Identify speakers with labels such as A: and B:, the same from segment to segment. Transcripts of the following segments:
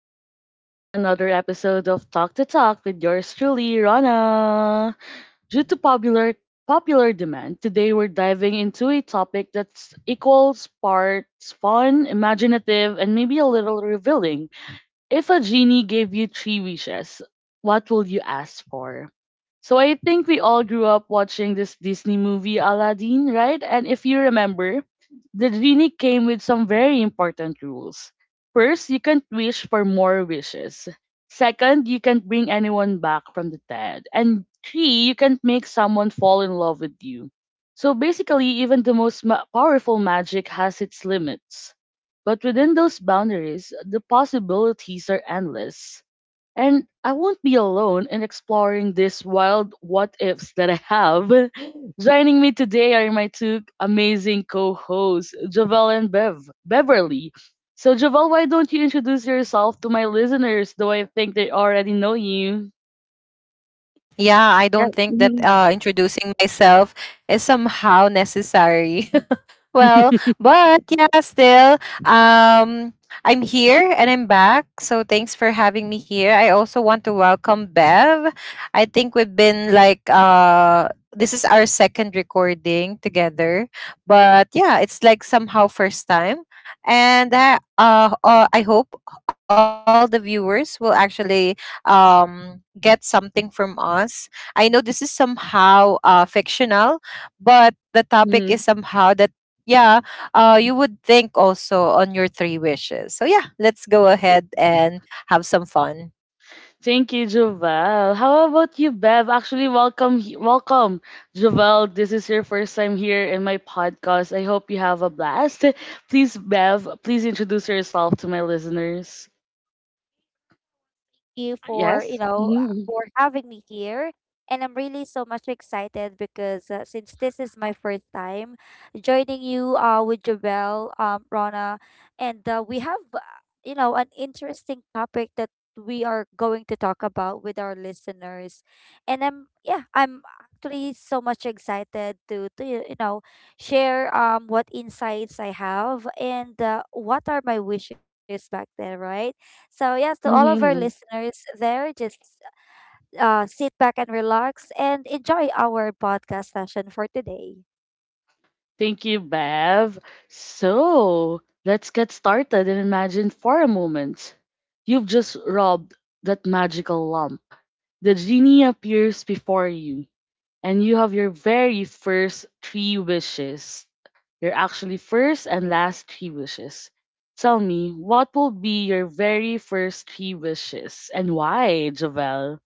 A: welcome back to another episode of Talk to Talk with yours truly, Rana. Due to popular demand, today we're diving into a topic that's equals parts fun, imaginative, and maybe a little revealing. If a genie gave you three wishes, what will you ask for? So I think we all grew up watching this Disney movie Aladdin, right? And if you remember, the genie came with some very important rules. First, you can't wish for more wishes. Second, you can't bring anyone back from the dead. And three, you can't make someone fall in love with you. So basically, even the most powerful magic has its limits. But within those boundaries, the possibilities are endless. And I won't be alone in exploring these wild what ifs that I have. Joining me today are my two amazing co hosts, Javel and Beverly. So, Javel, why don't you introduce yourself to my listeners, though I think they already know you?
B: Yeah, I don't think that introducing myself is somehow necessary.
A: Yeah.
B: well, but yeah, still, um, I'm here and I'm back. So thanks for having me here. I also want to welcome Bev. I think we've been like this is our second recording together, but yeah, it's like somehow first time. And I hope all the viewers will actually get something from us. I know this is somehow fictional, but the topic is somehow that yeah you would think also on your three wishes, so yeah, let's go ahead and have some fun.
A: Thank you, Jovel. How about you, Bev? Actually, welcome, Jovel. This is your first time here in my podcast. I hope you have a blast. Please, Bev, please introduce yourself to my listeners.
C: You for,
A: Yes.
C: for having me here. And I'm really so much excited because since this is my first time joining you with Jabel, Rona, and we have, you know, an interesting topic that we are going to talk about with our listeners. And I'm actually so much excited to, share what insights I have and what are my wishes back then, right? So yeah, to all of our
A: Hmm
C: listeners there, just sit back and relax and enjoy our podcast session for today.
A: Thank you, Bev. So let's get started and imagine for a moment you've just robbed that magical lump. The genie appears before you, and you have your very first three wishes. Your actually first and last three wishes. Tell me, what will be your very first three wishes and why, Javel?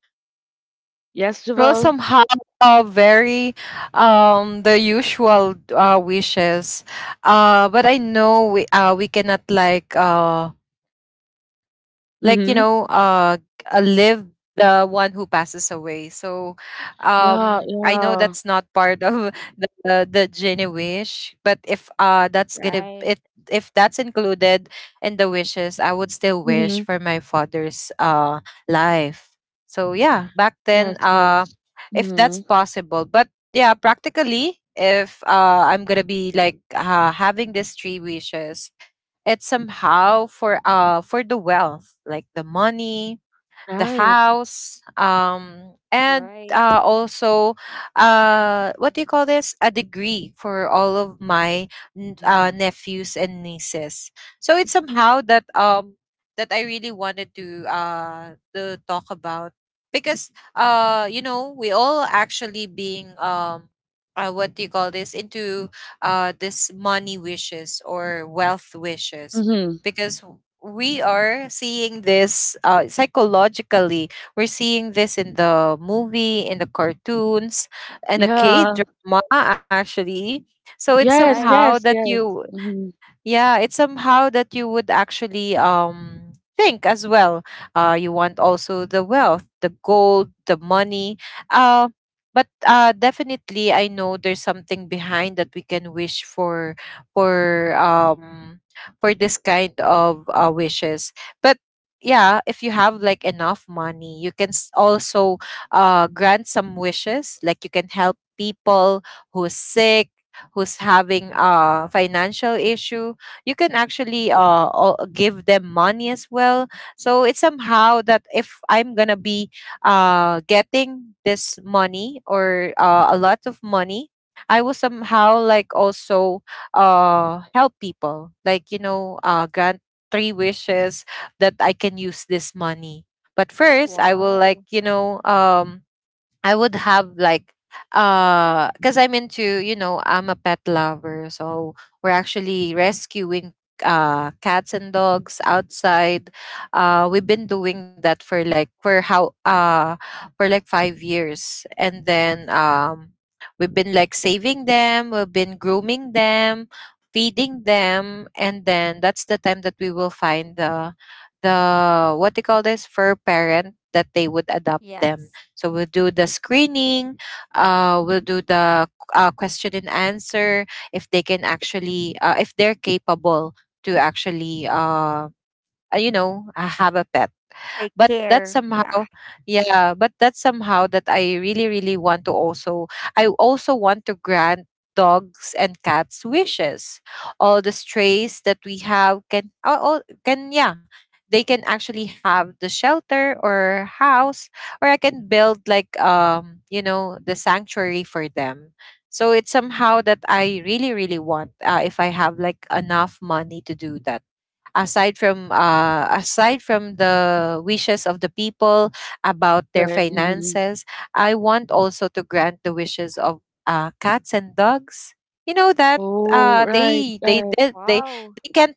A: Yes,
B: Well,
A: Javel?
B: somehow, very the usual wishes, but I know we cannot like you know
A: Mm-hmm.
B: live the one who passes away. So I know
A: Yeah,
B: that's not part
A: yeah.
B: of the genie wish, but if that's gonna it,
C: Right,
B: if that's included in the wishes, I would still wish
A: Mm-hmm.
B: for my father's life. So yeah, back then,
A: Yes, yes.
B: if that's
A: Mm-hmm.
B: possible. But yeah, practically, if I'm gonna be having these three wishes, it's somehow for for the wealth, like the money, the
A: Right.
B: house, and
C: right.
B: also what do you call this? A degree for all of my
A: Mm-hmm.
B: nephews and nieces. So it's somehow that that I really wanted to to talk about because you know we all actually being what do you call this into this money wishes or wealth wishes because we are seeing this psychologically. We're seeing this in the movie, in the cartoons, and the K
A: Yeah.
B: drama actually. So it's
A: Yes,
C: Bye.
B: somehow
A: yes,
B: that
A: yes.
B: you
A: Mm-hmm.
B: yeah it's somehow that you would actually think as well, you want also the wealth, the gold, the money, uh but definitely I know there's something behind that we can wish for, for um for this kind of wishes. But yeah, if you have like enough money you can also grant some wishes, like you can help people who's sick, who's having a financial issue. You can actually give them money as well. So it's somehow that if I'm gonna be getting this money or a lot of money, I will somehow like also help people, like you know grant three wishes that I can use this money. But first I will, like
C: Wow.
B: I would have like because I'm into, you know, I'm a pet lover. So we're actually rescuing cats and dogs outside. We've been doing that for like for like 5 years. And then we've been like saving them, we've been grooming them, feeding them, and then that's the time that we will find the what they call this fur parent that they would adopt them.
C: Yes.
B: So we'll do the screening, we'll do the question and answer if they can actually, if they're capable to actually, you know, have a
C: Take
B: pet.
C: care.
B: But
C: Yeah.
B: that's somehow yeah but that's somehow that I really really want to also, I also want to grant dogs and cats wishes. All the strays that we have can all, can yeah, they can actually have the shelter or house, or I can build like you know the sanctuary for them. So it's somehow that I really really want, if I have like enough money, to do that, aside from the wishes of the people about their
A: Right. Mm-hmm.
B: finances. I want also to grant the wishes of cats and dogs, you know, that
A: Oh, right,
B: they
A: right.
B: did
C: Wow.
B: they can't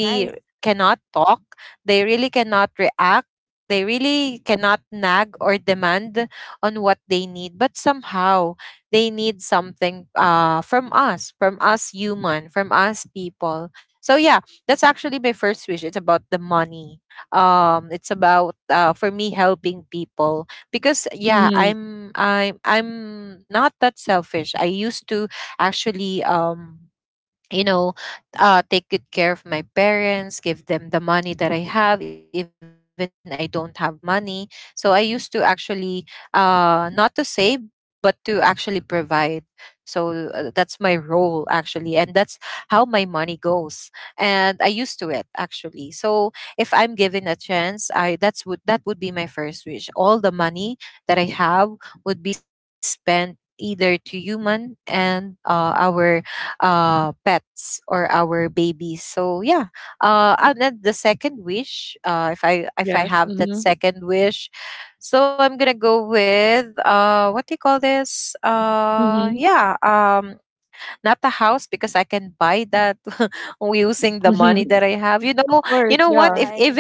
C: Nice.
B: cannot talk, they really cannot react, they really cannot nag or demand on what they need, but somehow they need something, from us, from us human, from us people. So yeah, that's actually my first wish. It's about the money. It's about, for me, helping people because yeah,
A: Mm-hmm.
B: I'm not that selfish. I used to actually you know, take good care of my parents, give them the money that I have, even I don't have money. So I used to actually, not to save, but to actually provide. So that's my role actually, and that's how my money goes. And I used to it actually. So if I'm given a chance, I that's would that would be my first wish. All the money that I have would be spent either to human and our pets or our babies. So yeah, and then the second wish, if I
A: Yes.
B: have that
A: Mm-hmm.
B: second wish, so I'm gonna go with what do you call this
A: Mm-hmm.
B: yeah not a house because I can buy that using the
A: Mm-hmm.
B: money that I have.
A: Of
B: You
A: course,
B: know what?
A: yeah.
B: If
C: Right.
B: if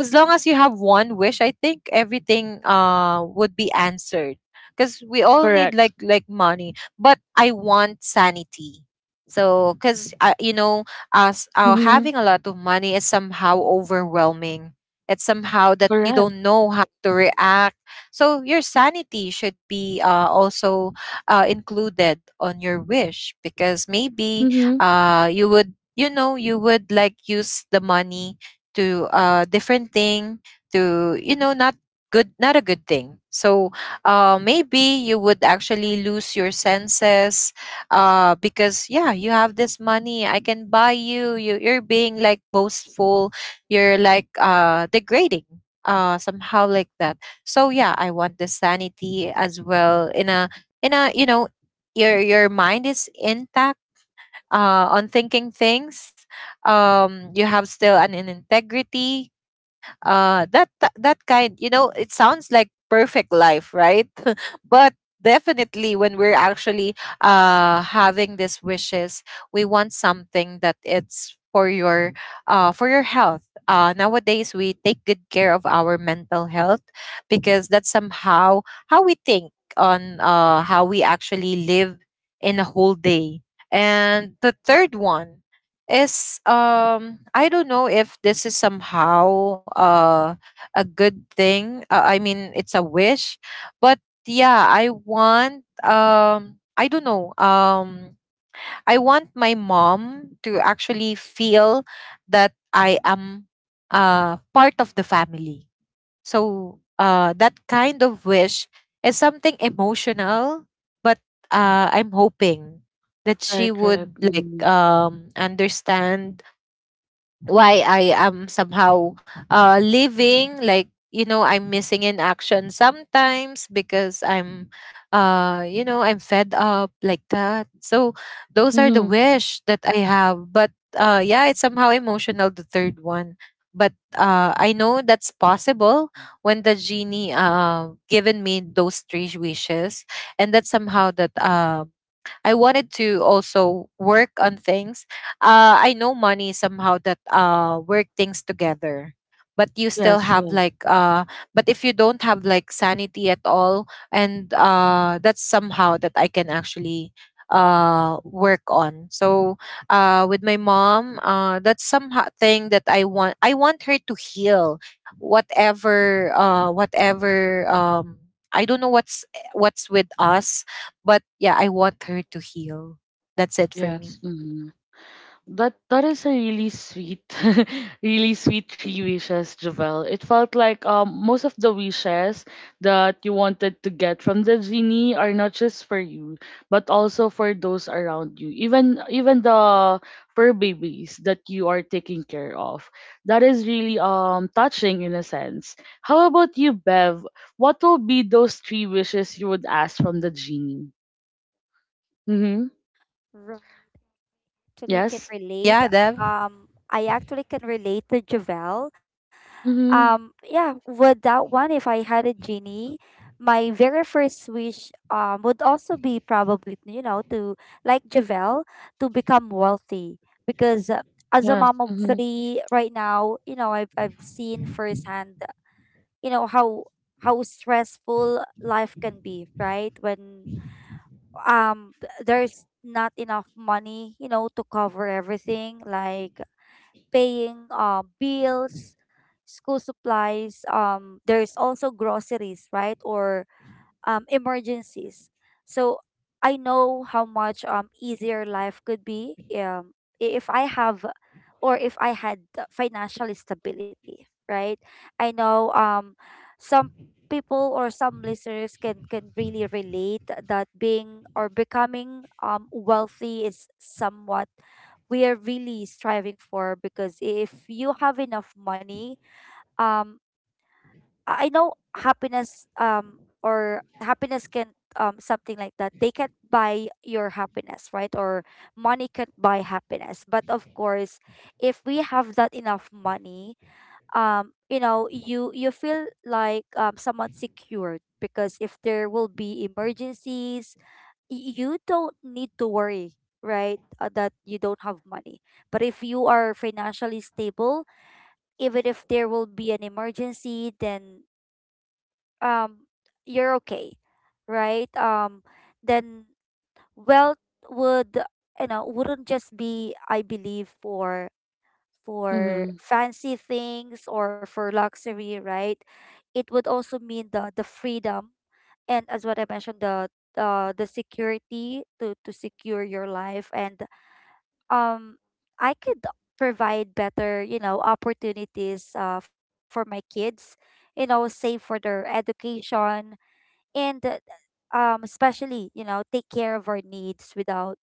B: as long as you have one wish, I think everything would be answered. Because we all need
A: Correct.
B: like money, but I want sanity. So, because you know, as
A: Mm-hmm.
B: having a lot of money is somehow overwhelming. It's somehow that you
A: Correct.
B: don't know how to react. So your sanity should be also included on your wish because maybe
A: Mhm.
B: you would, you know, you would like use the money to different thing, to you know, not good not a
C: Right.
B: good thing. So maybe you would actually lose your senses, because yeah you have this money, I can buy you, you're being like boastful, you're like degrading, somehow like that. So yeah, I want the sanity as well, in a, you know, your mind is intact on thinking things. You have still an integrity. That kind, you know, it sounds like perfect life, right? But definitely, when we're actually having these wishes, we want something that it's for your health. Nowadays, we take good care of our mental health because that's somehow how we think on how we actually live in a whole day. And the third one is I don't know if this is somehow a good thing. I mean it's a wish, but yeah, I want I don't know. I want my mom to actually feel that I am part of the family. So that kind of wish is something emotional, but I'm hoping that she
A: Right, right.
B: would like
A: Mm-hmm.
B: understand why I am somehow living, like you know, I'm missing in action sometimes because I'm, you know, I'm fed up like that. So those are the
A: hmm
B: wish that I have. But yeah, it's somehow emotional, the third one. But I know that's possible when the genie given me those three wishes, and that's somehow that I wanted to also work on things. I know money somehow that work things together. But you still
A: Yes,
B: have
A: yes,
B: like but if you don't have like sanity at all, and that's somehow that I can actually work on. So with my mom, that's somehow thing that I want her to heal whatever, I don't know what's, with us, but yeah, I want her to heal. That's it for
A: yes.
B: me.
A: Mm-hmm. That is a really sweet, really sweet three wishes, Javel. It felt like most of the wishes that you wanted to get from the genie are not just for you, but also for those around you. Even the fur babies that you are taking care of. That is really touching in a sense. How about you, Bev? What will be those three wishes you would ask from the genie? Mm-hmm.
C: Right. Actually, can
A: Yes.
B: Yeah,
C: relate.
B: Dev.
C: I actually can relate to Javel.
A: Mm-hmm.
C: Yeah, with that one, if I had a genie, my very first wish would also be probably, you know, to like Javel, to become wealthy because as a
A: Yes.
C: mom of
A: Mm-hmm.
C: three right now, you know, I've seen firsthand, you know, how stressful life can be, right? When there's not enough money, you know, to cover everything like paying bills, school supplies. There's also groceries, right? Or emergencies. So I know how much easier life could be if I have or if I had the financial stability, right? I know some people or some listeners can really relate that being or becoming wealthy is somewhat we are really striving for because if you have enough money, um I know happiness, or happiness can, something like that. They can't buy your happiness, right? Or money can't buy happiness. But of course, if we have that enough money, you know, you feel like somewhat secured because if there will be emergencies, you don't need to worry, right? That you don't have money. But if you are financially stable, even if there will be an emergency, then um you're okay, right. Then wealth would, you know, wouldn't just be, I believe, for
A: Mm-hmm.
C: fancy things or for luxury, right. It would also mean the freedom, and as what I mentioned, the security to secure your life. And um I could provide better, you know, opportunities for my kids, you know, save for their education. And especially, you know, take care of our needs without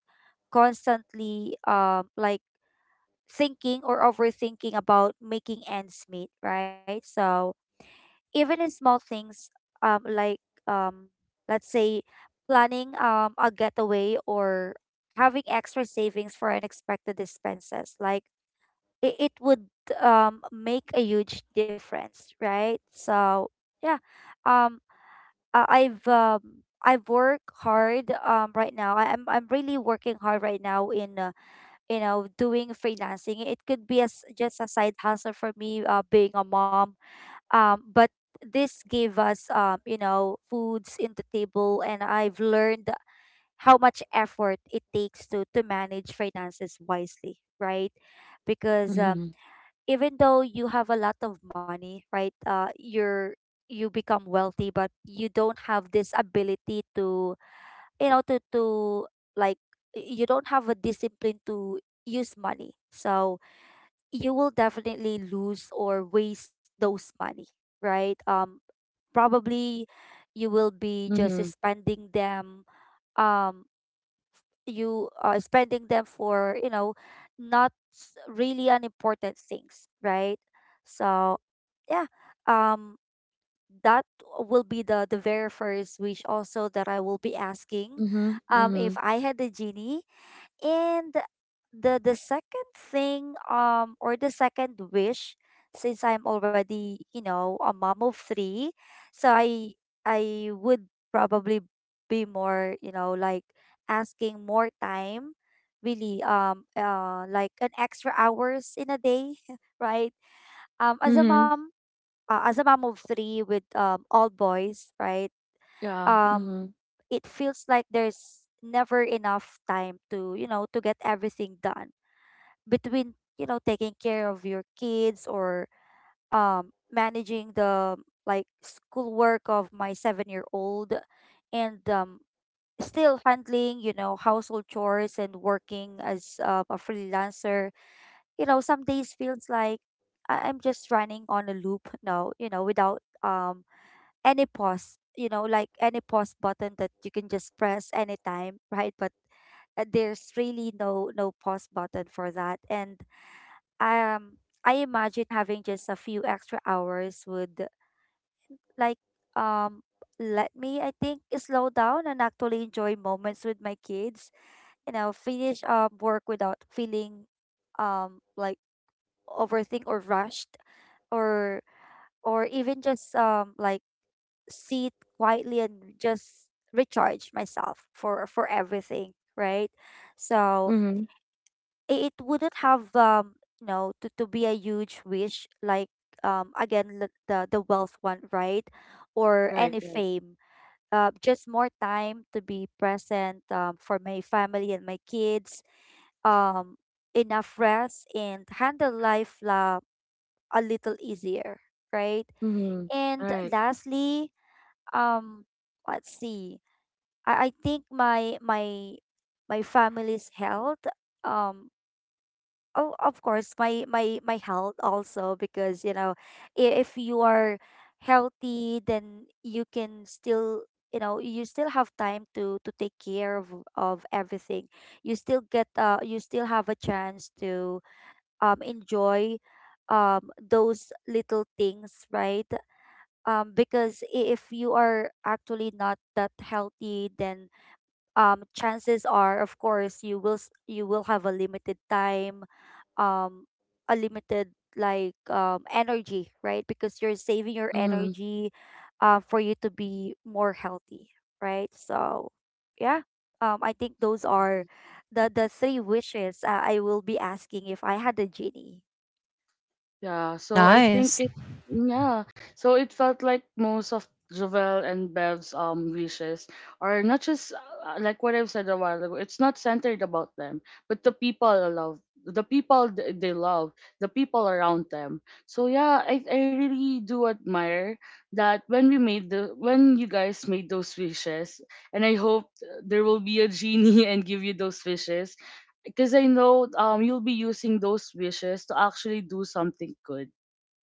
C: constantly like thinking or overthinking about making ends meet, right? So even in small things, um like um let's say planning a getaway or having extra savings for unexpected expenses, like it would make a huge difference, right? So yeah. um I've worked hard right now. I'm really working hard right now in, you know, doing freelancing. It could be as just a side hustle for me, being a mom. But this gave us, you know, foods in the table, and I've learned how much effort it takes to manage finances wisely, right? Because
A: Mm-hmm.
C: even though you have a lot of money, right, you're, you become wealthy, but you don't have this ability to, you know, to like, you don't have a discipline to use money, so you will definitely lose or waste those money, right. Probably you will be just
A: Mhm.
C: spending them, um you are spending them for, you know, not s- really unimportant things, right? So yeah. um that will be the very first wish also that I will be asking,
A: Mhm.
C: if
A: Mhm.
C: I had the genie. And the second thing, or the second wish, since I'm already, you know, a mom of three, so I would probably be more, you know, like asking more time, really, like an extra hours in a day, right? Um,
A: Mhm.
C: as a mom of three with all boys, right?
A: Yeah.
C: um
A: Mhm.
C: it feels like there's never enough time to, you know, to get everything done between, you know, taking care of your kids, or managing the like schoolwork of my seven- year old, and still handling, you know, household chores, and working as a freelancer. You know, some days feels like I'm just running on a loop now, you know, without any pause, you know, like any pause button that you can just press anytime, right? But there's really no no pause button for that. And um I imagine having just a few extra hours would like um let me, I think, slow down and actually enjoy moments with my kids, you know, finish work without feeling like overthink or rushed, or or even just like sit quietly and just recharge myself for everything, right? So
A: Mhm.
C: it wouldn't have, you know, to be a huge wish like, the wealth one, right? Or
A: Right.
C: any
A: Right.
C: fame. Just more time to be present, for my family and my kids. um Enough rest and handle life la a little easier, right.
A: Mhm.
C: And
A: Right.
C: lastly, um let's see. I think my my my family's health, um oh of course my my my health also, because you know, if you are healthy then you can still, you know, you still have time to take care of everything. You still get you still have a chance to enjoy those little things, right. Because if you are actually not that healthy, then chances are, of course, you will you will have a limited time, um a limited like energy, right? Because you're saving your
A: Mhm.
C: energy for you to be more healthy, right. So yeah. I think those are the three wishes I will be asking if I had a genie.
A: Yeah, so I think
B: Nice.
A: it yeah. So it felt like most of Jovel and Bev's wishes are not just like what I've said a while ago. It's not centered about them, but the people they love, the people th- they love, the people around them. So yeah, I really do admire that when you guys made those wishes, and I hope there will be a genie and give you those wishes because I know you'll be using those wishes to actually do something good.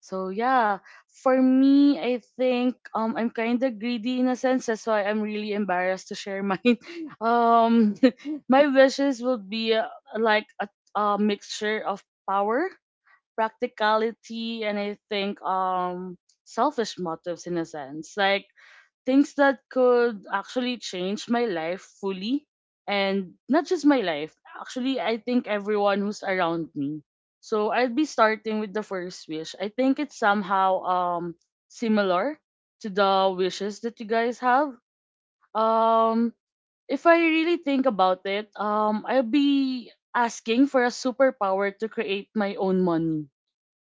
A: So yeah, for me, I think I'm kind of greedy in a sense. That's why I'm really embarrassed to share mine. um, my wishes would be like a mixture of power, practicality, and I think selfish motives in a sense. Like things that could
C: Mm.
A: actually change my life fully and not just my life. Actually, I think everyone who's around me. So I'd be starting with the first wish. I think it's somehow similar to the wishes that you guys have. um if I really think about it, I'll be asking for a superpower to create my own money,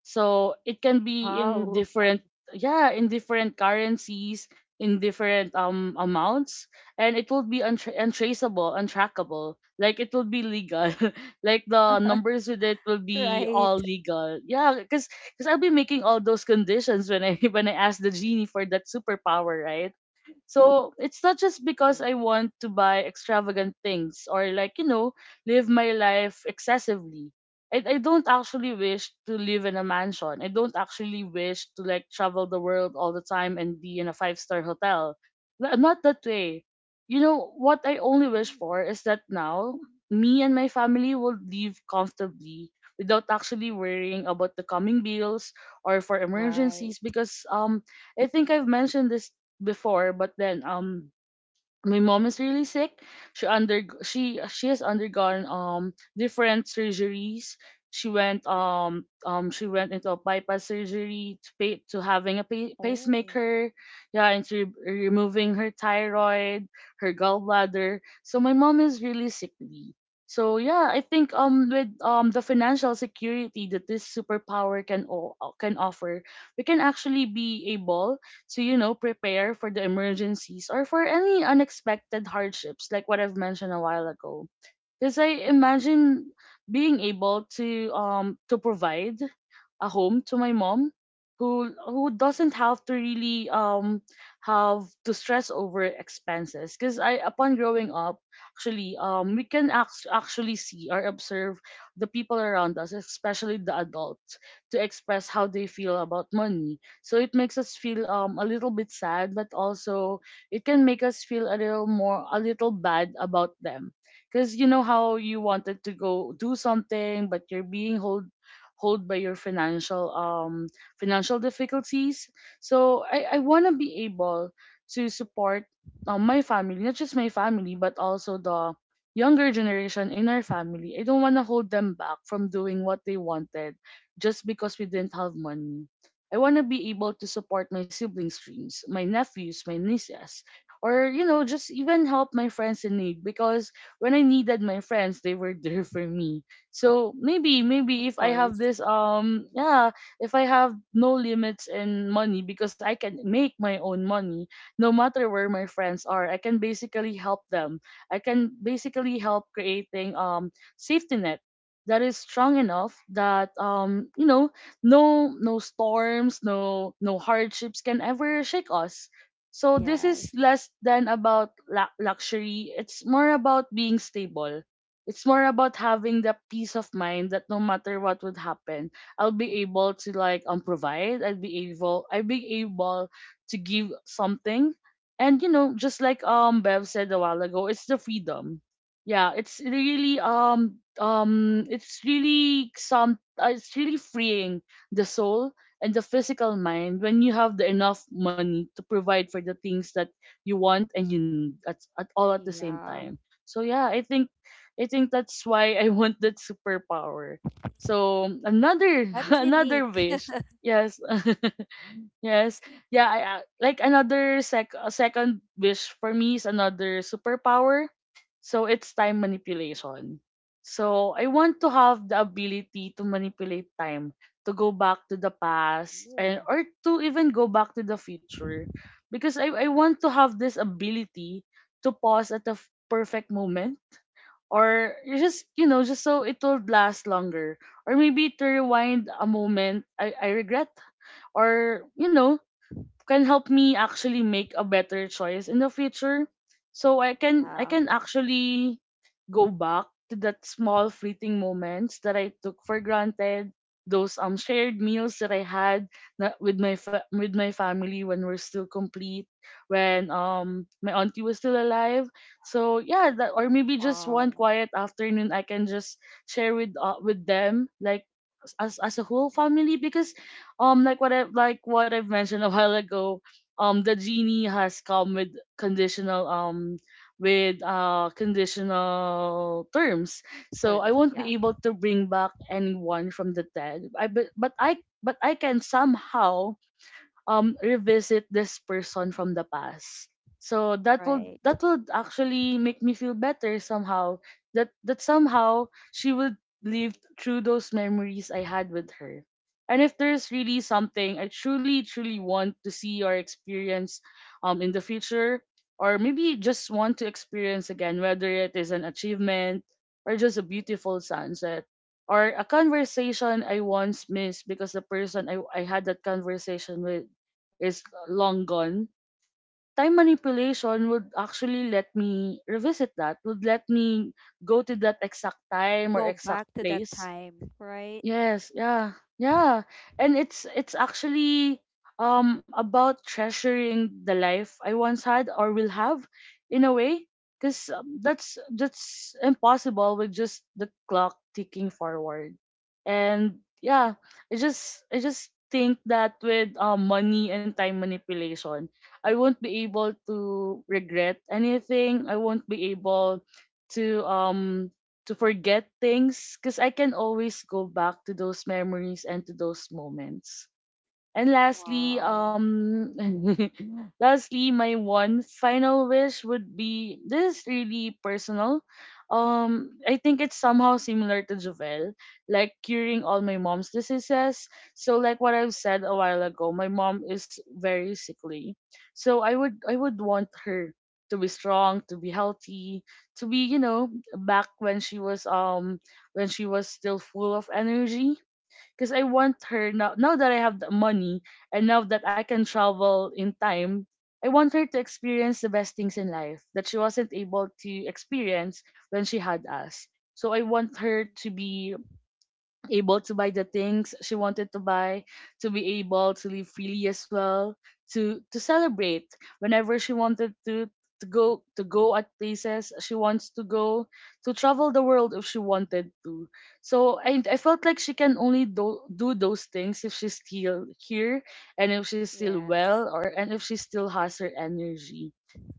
A: so it can be in
C: Wow.
A: different, yeah, in different currencies, in different amounts, and it will be untraceable, untrackable. Like it will be legal. Like the numbers with it will be all
C: Right.
A: legal. Yeah, because I'll be making all those conditions when I when I ask the genie for that superpower, right? So it's not just because I want to buy extravagant things or, like, you know, live my life excessively. I don't actually wish to live in a mansion. I don't actually wish to like travel the world all the time and be in a five-star hotel. Not that way. You know, what I only wish
C: Mm.
A: for is that now me and my family will live comfortably without actually worrying about the coming bills or for
C: Right.
A: emergencies because I think I've mentioned this before, but then my mom is really sick. She has undergone different surgeries. She went into a bypass surgery to having a
C: Oh.
A: pacemaker, yeah, and to removing her thyroid, her gallbladder. So my mom is really sickly. So yeah, I think with the financial security that this superpower can offer, we can actually be able to, you know, prepare for the emergencies or for any unexpected hardships, like what I've mentioned a while ago. Because I imagine being able to provide a home to my mom who doesn't have to really have to stress over expenses. Because I upon growing up, actually, we can actually see or observe the people around us, especially the adults, to express how they feel about money. So it makes us feel a little bit sad, but also it can make us feel a little bad about them. Cause you know how you wanted to go do something, but you're being hold by your financial difficulties. So I wanna be able to support my family, not just my family, but also the younger generation in our family. I don't want to hold them back from doing what they wanted just because we didn't have money. I want to be able to support my siblings' dreams, my nephews, my nieces, or you know, just even help my friends in need, because when I needed my friends, they were there for me. So maybe, maybe
C: Of
A: if I have
C: course.
A: this, yeah, if I have no limits in money because I can make my own money, no matter where my friends are, I can basically help them. I can basically help creating safety net that is strong enough that you know, no, no storms no no hardships can ever shake us. So this is
C: Yes.
A: less than about luxury. It's more about being stable. It's more about having the peace of mind that no matter what would happen, I'll be able to like provide. I'll be able to give something. And you know, just like Bev said a while ago, it's the freedom. Yeah, it's really some it's really freeing the soul and the physical mind when you have the enough money to provide for the things that you want and you need at all at the same
C: Yeah.
A: time. So yeah, I think that's why I want that superpower. So another
C: That's
A: another
C: unique.
A: wish, yes. Yes. Yeah, I- like another sec a second wish for me is another superpower. So it's time manipulation. So I want to have the ability to manipulate time, to go back to the past and
C: Oh.
A: or to even go back to the future because I want to have this ability to pause at the perfect moment or you just you know just so it will last longer, or maybe to rewind a moment I regret, or you know, can help me actually make a better choice in the future. So I can I
C: Yeah.
A: can actually go back to that small fleeting moments that I took for granted, those shared meals that I had with my family when we're still complete, when my auntie was still alive. So yeah, that or maybe just one
C: Wow.
A: quiet afternoon I can just share with them like as a whole family. Because like what I like what I've mentioned a while ago, the genie has come conditional um with conditional terms. So I
C: Terms.
A: won't
C: Yeah.
A: be able to bring back anyone from the dead. I but I But I can somehow revisit this person from the past. So that will
C: Right.
A: that would actually make me feel better somehow. That that somehow she would live through those memories I had with her. And if there's really something I truly, truly want to see or experience in the future, or maybe just want to experience again, whether it is an achievement or just a beautiful sunset or a conversation I once missed because the person I had that conversation with is long gone, time manipulation would actually let me revisit that, would let me go to that exact time or
C: Go
A: exact
C: back to that
A: place.
C: time. Right.
A: Yes, yeah, yeah. And it's actually about treasuring the life I once had or will have, in a way, because that's impossible with just the clock ticking forward. And yeah, I just think that with money and time manipulation, I won't be able to regret anything. I won't be able to um to forget things because I can always go back to those memories and to those moments. And lastly,
C: Wow.
A: lastly, my one final wish would be, this is really personal. I think it's somehow similar to Jovel, like curing all my mom's diseases. So, like what I've said a while ago, my mom is very sickly. So I would want her to be strong, to be healthy, to be, you know, back when she was still full of energy, because I want her now, now that I have the money and now that I can travel in time, I want her to experience the best things in life that she wasn't able to experience when she had us. So I want her to be
C: Mm.
A: able to buy the things she wanted to buy, to be able to live freely as well, to celebrate whenever she wanted to, to go at places she wants to go, to travel the world if she wanted to. So I felt like she can only do those things if she's still here and if she's still well,
C: Yes.
A: or and if she still has her energy.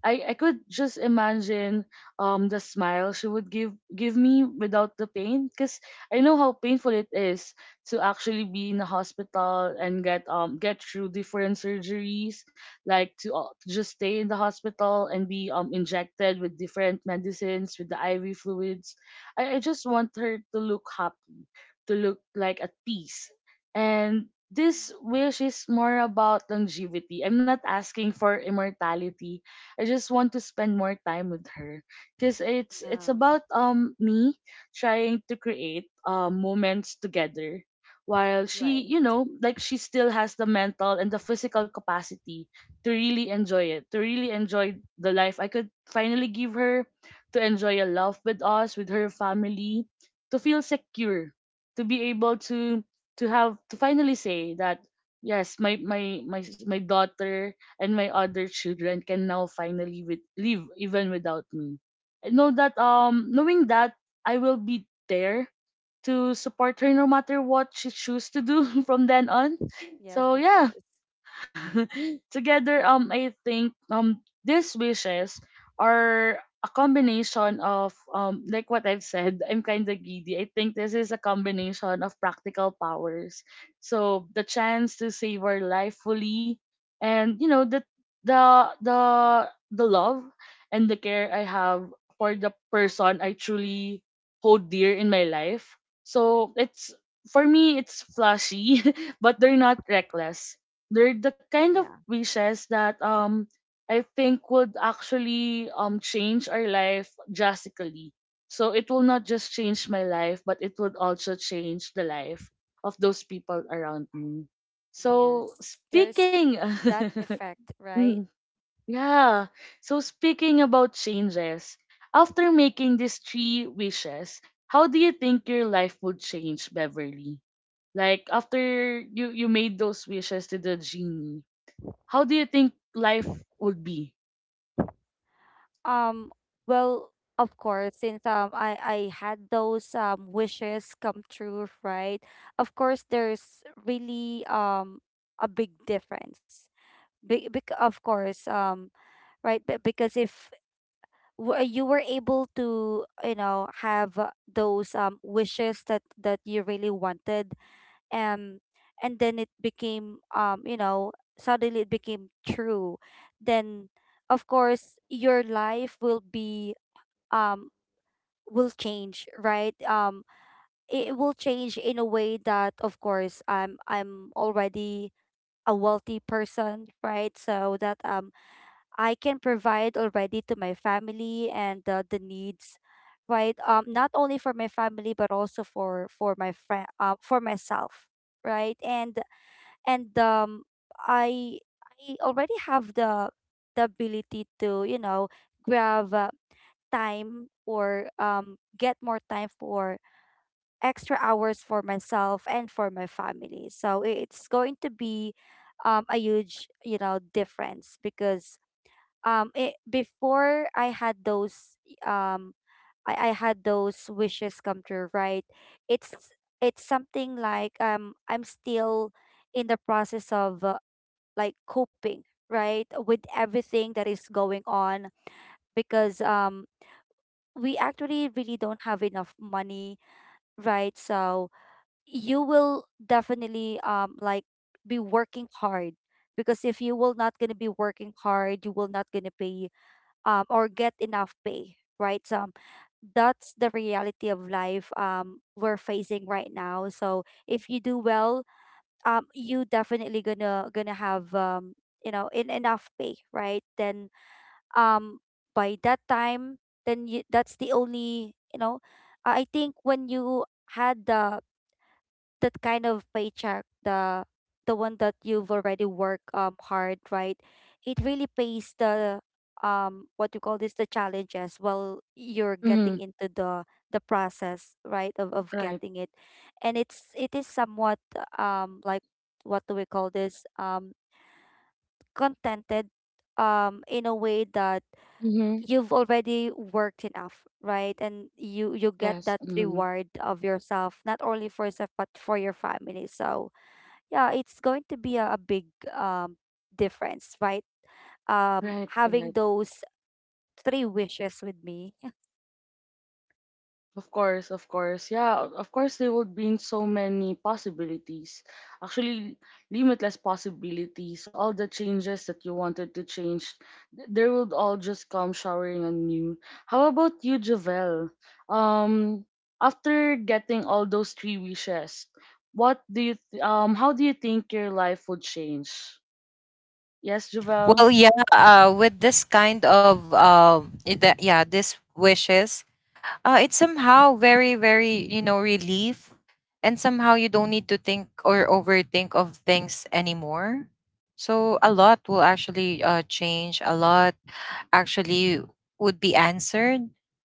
A: I could just imagine the smile she would give me without the pain, because I know how painful it is to actually be in a hospital and get through different surgeries, like to just stay in the hospital and be injected with different medicines, with the IV fluids. I just want her to look happy, to look like at peace. And this wish is more about longevity. I'm not asking for immortality. I just want to spend more time with her, because it's
C: Yeah.
A: it's about me trying to create moments together while she,
C: Right.
A: like she still has the mental and the physical capacity to really enjoy it, to really enjoy the life I could finally give her, to enjoy a love with us, with her family, to feel secure, to be able to have to finally say that yes, my daughter and my other children can now finally with, live even without me. I know that knowing that I will be there to support her no matter what she choose to do from then on.
C: Yes,
A: So
C: of
A: yeah.
C: course.
A: Together, I think these wishes are a combination of like what I've said, I'm kind of giddy. I think this is a
C: Mhm.
A: combination of practical powers. So the chance to savor life fully, and you know, the the the love and the care I have for the person I truly hold dear in my life. So it's, for me it's flashy, but they're not reckless, they're the kind of
C: Yeah.
A: wishes that I think would actually change our life drastically. So it will not just change my life, but it would also change the life of those people around me. So
C: Yes. There's
A: speaking
C: that effect,
A: mm,
C: right?
A: yeah. So speaking about changes, after making these three wishes, how do you think your life would change, Beverly? Like after you made those wishes to the genie, how do you think life would be?
C: Um, well, of course, since I had those wishes come true, right? Of course, there's really a big difference. Of course, right, because if you were able to, you know, have, those wishes that that you really wanted, um, and then it became, you know, suddenly it became true, then of course your life will be, um will change, right. It it will change in a way that, of course, I'm already a wealthy person, right? So that I can provide already to my family and, the needs, right. Not only for my family but also for my friend, for myself, right. And and um i i already have the ability to, you know, grab, time, or get more time for extra hours for myself and for my family. So it's going to be a huge, you know, difference. Because before I had those, um, I had those wishes come true, right? It's it's something like, I'm still in the process of, like coping, right, with everything that is going on because we actually really don't have enough money, right? So you will definitely like be working hard, because if you will not gonna be working hard, you will not gonna pay or get enough pay, right? So that's the reality of life we're facing right now. So if you do well, you definitely gonna gonna have you know in enough pay, right? Then um by that time, then you, that's the only, you know, I think when you had the that kind of paycheck, the one that you've already worked hard, right, it really pays the what you call this the challenges while you're
A: Mm-hmm.
C: getting into the process, right, of
A: Right.
C: getting it. And it's it is somewhat like, what do we call this contented, in a way that
A: Mm-hmm.
C: you've already worked enough, right, and you get
A: Yes.
C: that
A: Mm-hmm.
C: reward of yourself, not only for yourself but for your family. So yeah, it's going to be a big um difference, right,
A: Right.
C: having
A: Right.
C: those three wishes with me.
A: Of course. Of course. Yeah. Of course, there would be so many possibilities. Actually, limitless possibilities. All the changes that you wanted to change, they would all just come showering on you. How about you, Javel? Um, after getting all those three wishes, what do you How do you think your life would change? Yes, Javel.
B: Well, yeah, with this kind of this wishes, it's somehow very very, you know, relief, and somehow you don't need to think or overthink of things anymore. So a lot will actually change. A lot actually would be answered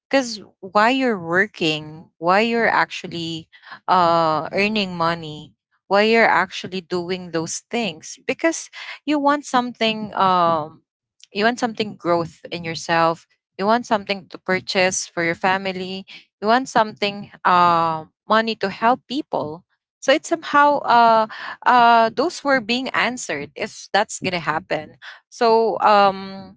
B: because why you're working, why you're actually earning money, why you're actually doing those things, because you want something, you want something growth in yourself, you want something to purchase for your family, you want something money to help people. So it's somehow those were being answered if that's gonna happen. So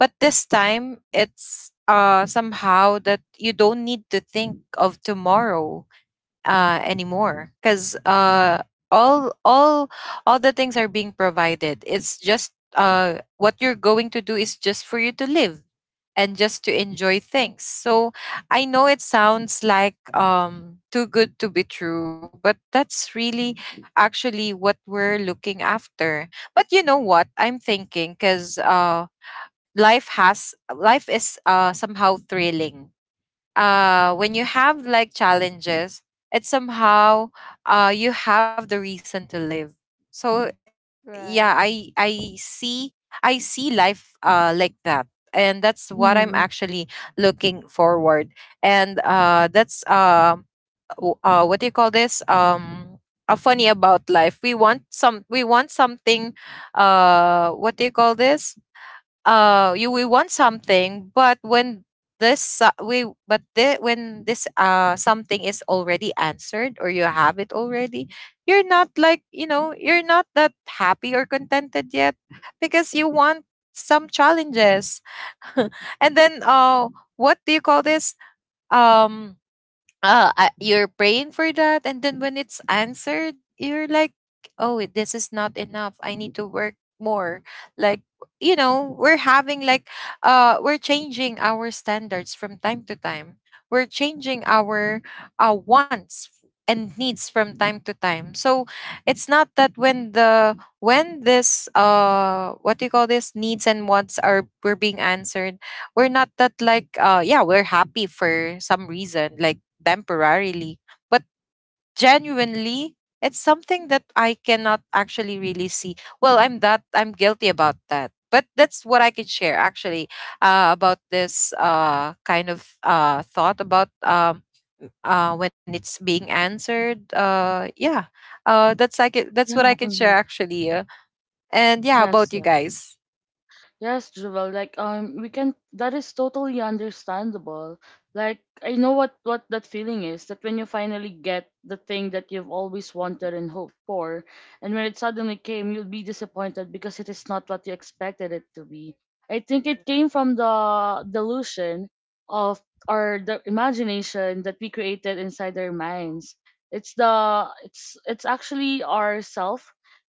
B: but this time it's somehow that you don't need to think of tomorrow anymore because all all all the things are being provided. It's just what you're going to do is just for you to live and just to enjoy things. So I know it sounds like too good to be true, but that's really actually what we're looking after. But you know what? I'm thinking because life has life is somehow thrilling when you have like challenges it's somehow you have the reason to live. So yeah, i
C: Right.
B: i see, I see life like that, and that's what I'm
A: Mhm.
B: actually looking forward. And that's w- what do you call this A funny about life: we want something. What do you call this You, we want something, but when this we but the, when this something is already answered or you have it already, you're not like, you know, you're not that happy or contented yet because you want some challenges. And then what do you call this um you're praying for that, and then when it's answered you're like, oh, this is not enough, I need to work more. Like, you know, we're having like, we're changing our standards from time to time. We're changing our wants and needs from time to time. So it's not that when the when this what do you call this needs and wants are were being answered, we're not that like, yeah, we're happy for some reason, like, temporarily. But genuinely, it's something that I cannot actually really see. Well, I'm guilty about that, but that's what I can share actually, about this kind of thought about, when it's being answered, yeah. That's
A: Yeah,
B: what I can share
A: mhm.
B: actually, and yeah, about
A: Yes,
B: you guys.
A: yes, Jewel. Like we can. That is totally understandable. Like I know what that feeling is. That when you finally get the thing that you've always wanted and hoped for, and when it suddenly came, you'll be disappointed because it is not what you expected it to be. I think it came from the delusion of, or the imagination that we created inside our minds. It's the it's actually our self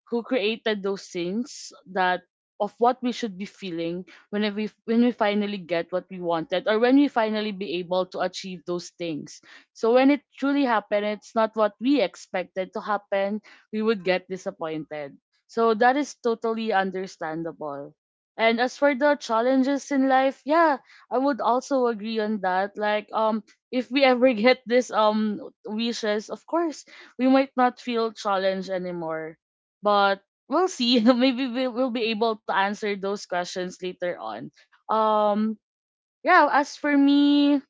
A: who created those things, that of what we should be feeling whenever we, when we finally get what we wanted, or when we finally be able to achieve those things. So when it truly happened, it's not what we expected to happen, we would get disappointed. So that is totally understandable. And as for the challenges in life, yeah, I would also agree on that. Like if we ever get this wishes, of course, we might not feel challenged anymore, but we'll see. Maybe we'll will be able to answer those questions later on. Um, yeah, as for me,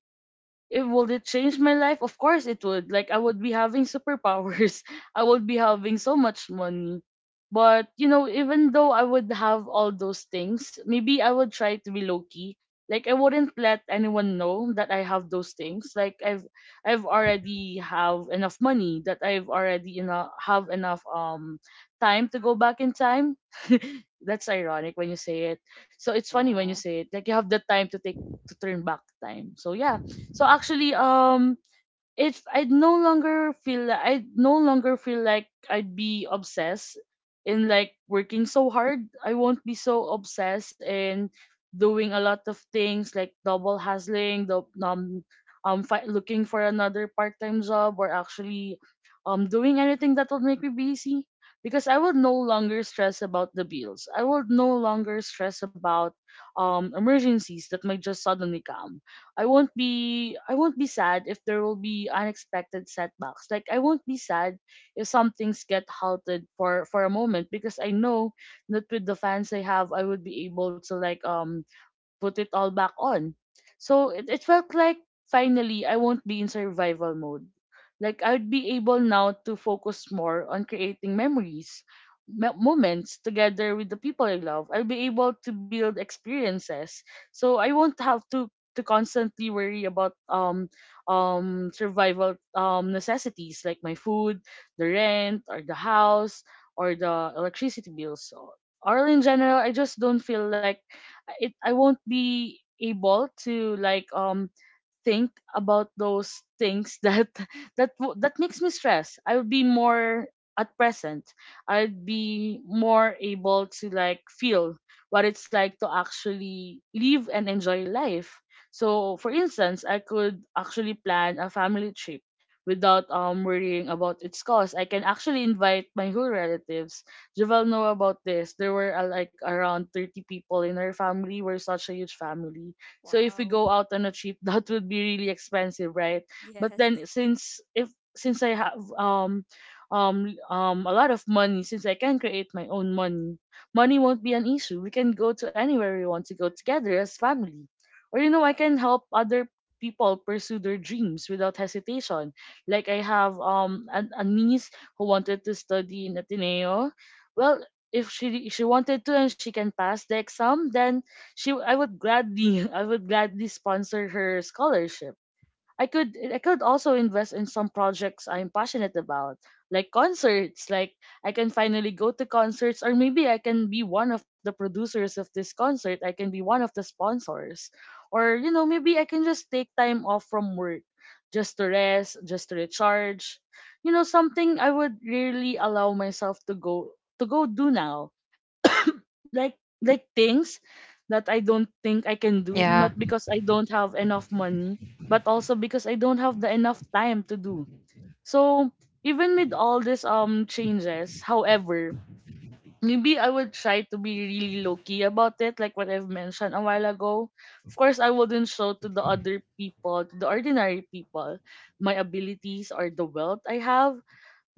A: it would, it change my life, of course it would. Like I would be having superpowers. I would be having so much money, but you know, even though I would have all those things, maybe I would try to be low key. Like I wouldn't let anyone know that I have those things, like I've already have enough money, that I've already, you know, have enough time to go back in time. That's ironic when you say it. So it's funny when you
C: Yeah.
A: say it, like you have the time to take, to turn back time. So yeah. So actually, if I no longer feel like I'd be obsessed in like working so hard. I won't be so obsessed in doing a lot of things, like double hustling, the looking for another part-time job, or actually, doing anything that will make me busy. Because I will no longer stress about the bills. I will no longer stress about emergencies that might just suddenly come. I won't be sad if there will be unexpected setbacks. Like I won't be sad if some things get halted for a moment, because I know that with the fans I have, I would be able to like put it all back on. So it felt like finally I won't be in survival mode. Like I would be able now to focus more on creating memories, moments together with the people I love. I'll be able to build experiences. So I won't have to constantly worry about survival necessities, like my food, the rent or the house, or the electricity bills. So, or in general, I just don't feel like it I won't be able to like think about those things that that makes me stress. I would be more at present. I'd be more able to like feel what it's like to actually live and enjoy life. So for instance, I could actually plan a family trip without worrying about its cost. I can actually invite my whole relatives. Javel know about this, there were like around 30 people in our family, we're such a huge family. So if we
C: Wow.
A: go out on a trip, that would be really expensive, right? But
C: Yes.
A: then since if, since I have a lot of money, since I can create my own money, money won't be an issue. We can go to anywhere we want to go together as family. Or you know, I
C: Right.
A: can help other people pursue their dreams without hesitation. Like I have a niece who wanted to study in Ateneo. Well, if she wanted to and she can pass the exam, then she I would gladly I would gladly sponsor her scholarship. I could also invest in some projects I'm passionate about, like concerts. Like I can finally go to concerts, or maybe I can be one of the producers of this concert. I can be one of the sponsors, or you know, maybe I can just take time off from work, just to rest, just to recharge. You know, something I would really allow myself to go do now, like like things that I don't think I can do, not
B: Yeah,
A: because I don't have enough money, but also because I don't have the enough time to do. So even with all these changes, however, maybe I would try to be really low key about it, like what I've mentioned a while ago. Of course, I wouldn't show to the other people, to the ordinary people, my abilities or the wealth I have.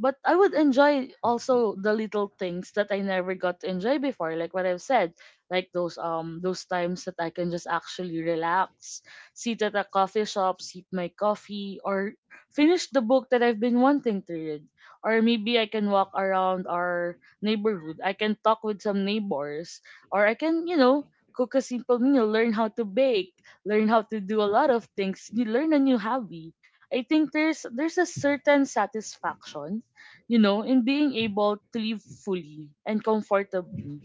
A: But I would enjoy also the little things that I never got to enjoy before, like what I've said, like those times that I can just actually relax, sit at a coffee shop, sip my coffee, or finish the book that I've been wanting to read. Or maybe I can walk around our neighborhood. I can talk with some neighbors, or I can, cook a simple meal, learn how to bake, learn how to do a lot of things, you learn a new hobby. I think there's a certain satisfaction, you know, in being able to live fully and comfortably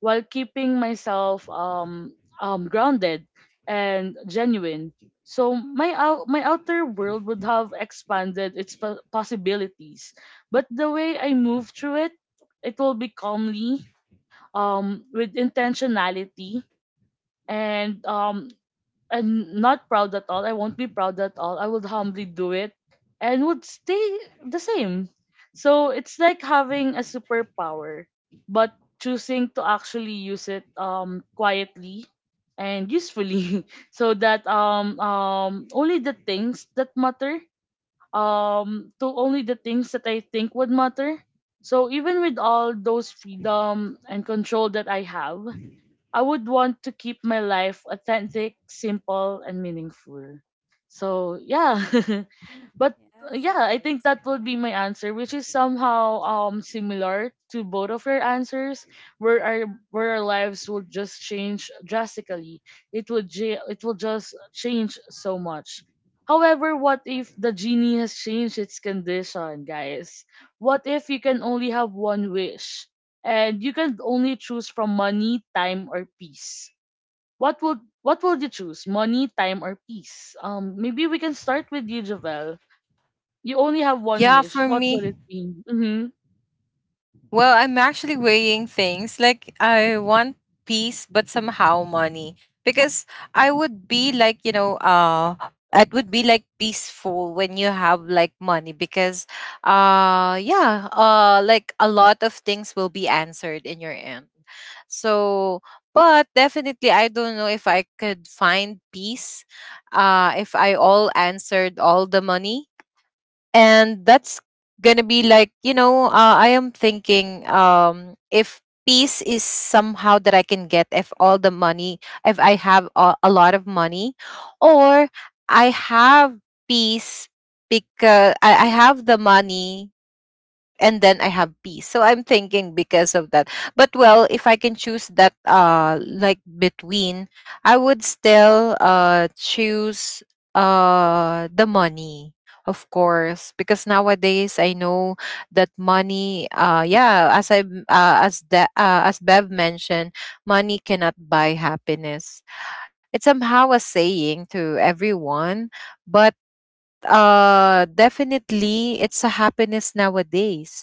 A: while keeping myself grounded and genuine. So my outer world would have expanded its possibilities, but the way I move through it, it will be calmly, with intentionality and I'm not proud at all. I won't be proud at all. I would humbly do it and would stay the same. So it's like having a superpower, but choosing to actually use it quietly and usefully so that only the things that matter, to only the things that I think would matter. So even with all those freedom and control that I have, I would want to keep my life authentic, simple, and meaningful. So, yeah. But uh,
C: Yes,
A: yeah,
C: of
A: I think
C: course.
A: that would be my answer, which is somehow similar to both of your answers, where our lives would just change drastically. It would it will just change so much. However, what if the genie has changed its condition, guys? What if you can only have one wish and you can only choose from money, time, or peace? What would you choose? Money, time, or peace? Maybe we can start with you, Javel, you only have one
B: yeah,
A: wish.
B: for
A: What would
B: me.
A: it be? Mm-hmm.
B: Well, I'm actually weighing things. Like, I want peace, but somehow money. Because I would be like, you know, it would be like peaceful when you have like money because, yeah, like a lot of things will be answered in your end. So, but definitely I don't know if I could find peace if I all answered all the money, and that's gonna be like, you know, I am thinking, if peace is somehow that I can get if all the money, if I have a lot of money, or I have peace, because I have the money and then I have peace. So I'm thinking because of that. But well, if I can choose that like between, I would still choose the money. Of course, because nowadays I know that money, yeah, as I as the as Bev mentioned, money cannot buy happiness. It's somehow a saying to everyone, but definitely it's a happiness nowadays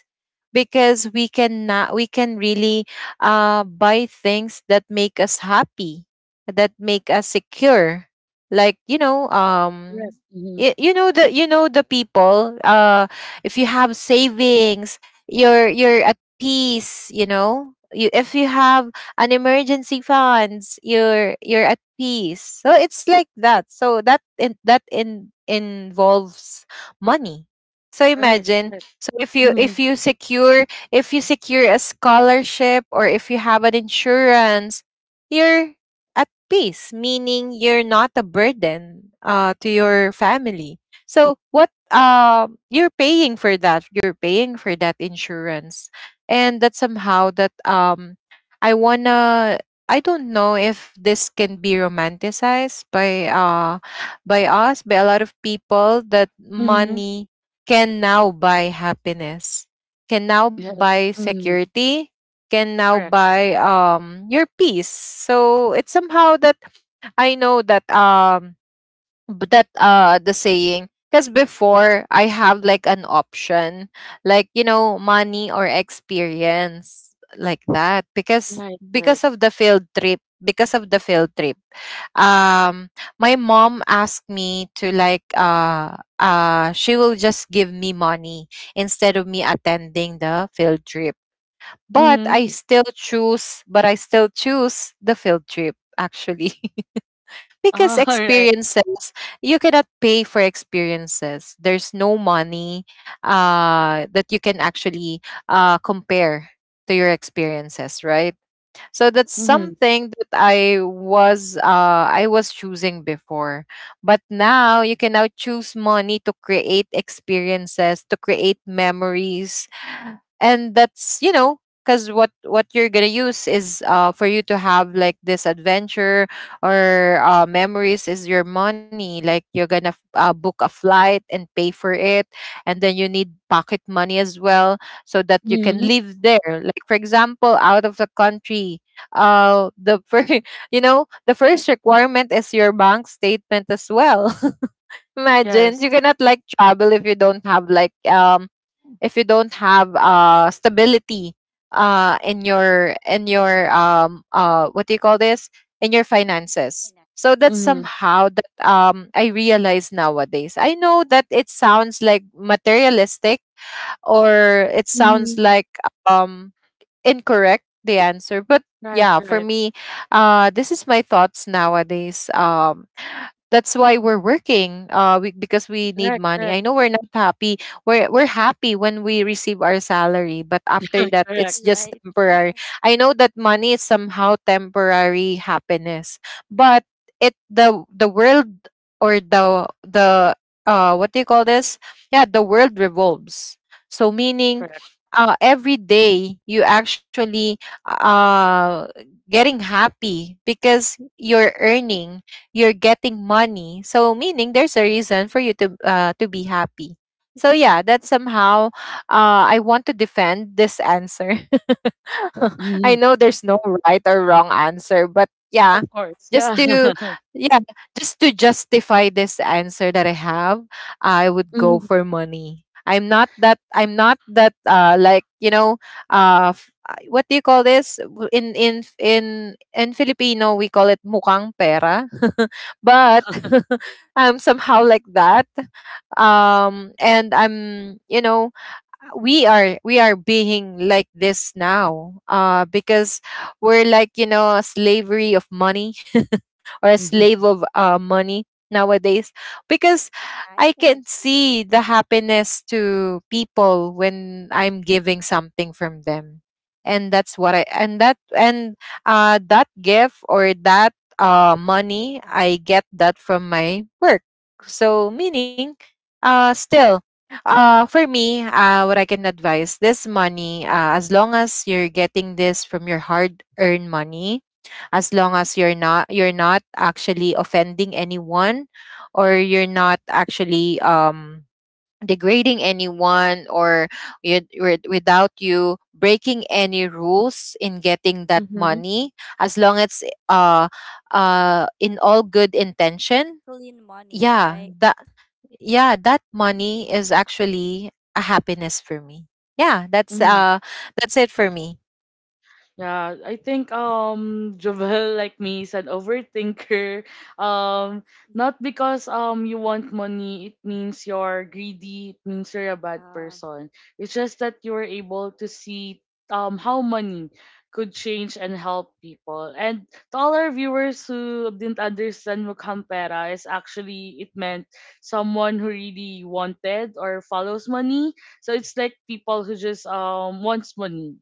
B: because we can really buy things that make us happy, that make us secure, like, you know,
A: Correct. Mm-hmm.
B: you know, the you know the people, if you have savings, you're at peace. You know, you, if you have an emergency funds, you're at peace. So it's like that. So that involves money. So
A: Right.
B: imagine,
A: Right.
B: so if you,
A: Mm-hmm.
B: if you secure, if you secure a scholarship or if you have an insurance, you're at peace, meaning you're not a burden, to your family. So what, you're paying for that, you're paying for that insurance, and that somehow that, I wanna, I don't know if this can be romanticized by us, by a lot of people, that
A: Mm-hmm.
B: money can now buy happiness, can now buy
A: Yes. Mm-hmm.
B: security, can now
A: Correct.
B: buy your peace. So it's somehow that I know that but that the saying because before I have like an option, like, you know, money or experience, like that. because
A: Right.
B: because
A: Right.
B: of the field trip because of the field trip, um my mom asked me to like she will just give me money instead of me attending the field trip, but
A: Mm-hmm.
B: I still choose the field trip actually. Because
A: All right.
B: experiences, you cannot pay for experiences. There's no money that you can actually compare to your experiences, right? So that's
A: Mm-hmm.
B: something that I was choosing before, but now you can now choose money to create experiences, to create memories, and that's, you know, because what you're gonna use is for you to have like this adventure or memories is your money. Like you're gonna book a flight and pay for it, and then you need pocket money as well, so that you can
A: Mm-hmm.
B: live there, like for example, out of the country. The first, you know, the first requirement is your bank statement as well. Imagine, you
A: Yes.
B: cannot like travel if you don't have like, if you don't have stability in your, in your, what do you call this in your finances. So that's
C: Finances,
A: Mm-hmm.
B: somehow that, I realize nowadays, I know that it sounds like materialistic, or it sounds
A: Mm-hmm.
B: like, um incorrect the answer, but
A: Right.
B: yeah, for
A: Right.
B: me, this is my thoughts nowadays, that's why we're working, because we
A: Correct.
B: need
A: Right.
B: money. I
A: Correct.
B: know we're not happy, we're happy when we receive our salary, but after that
A: Correct.
B: it's just
C: right.
B: temporary. I know that money is somehow temporary happiness, but it, the world, or the what do you call this yeah, the world revolves. So meaning,
A: Correct.
B: every day you actually uh getting happy because you're earning, you're getting money. So meaning there's a reason for you to be happy. So yeah, that's somehow, I want to defend this answer. I
A: Mm-hmm.
B: know there's no right or wrong answer, but yeah,
A: Of course.
B: just
A: Yeah.
B: to, yeah, just to justify this answer that I have, I would go
A: Mm-hmm.
B: for money. I'm not that like, you know, f- what do you call this? W- in F- in Filipino we call it mukang pera. But I'm somehow like that. And I'm, you know, we are being like this now because we're like, you know, a slavery of money, or a
A: Mm-hmm.
B: slave of money nowadays, because
C: I
B: I
C: can
B: can
C: agree.
B: see the happiness to people when I'm giving something from them. And that's what I, and that gift or that money, I get that from my work. So meaning, still, for me, what I can advise, this money, as long as you're getting this from your hard earned money, as long as you're not, you're not actually offending anyone, or you're not actually, degrading anyone, or you, without you breaking any rules in getting that money, as long as, uh in all good intention,
C: Clean money,
B: yeah,
C: right.
B: that, yeah, that money is actually a happiness for me. Yeah, that's,
A: Mm-hmm.
B: that's it for me.
A: Yeah, I think Jovel like me is an overthinker. Um, not because you want money, it means you're greedy, it means you're a bad
C: Yeah.
A: person. It's just that you were able to see how money could change and help people. And to all our viewers who didn't understand what Campera is, actually it meant someone who really wanted or follows money. So it's like people who just wants money.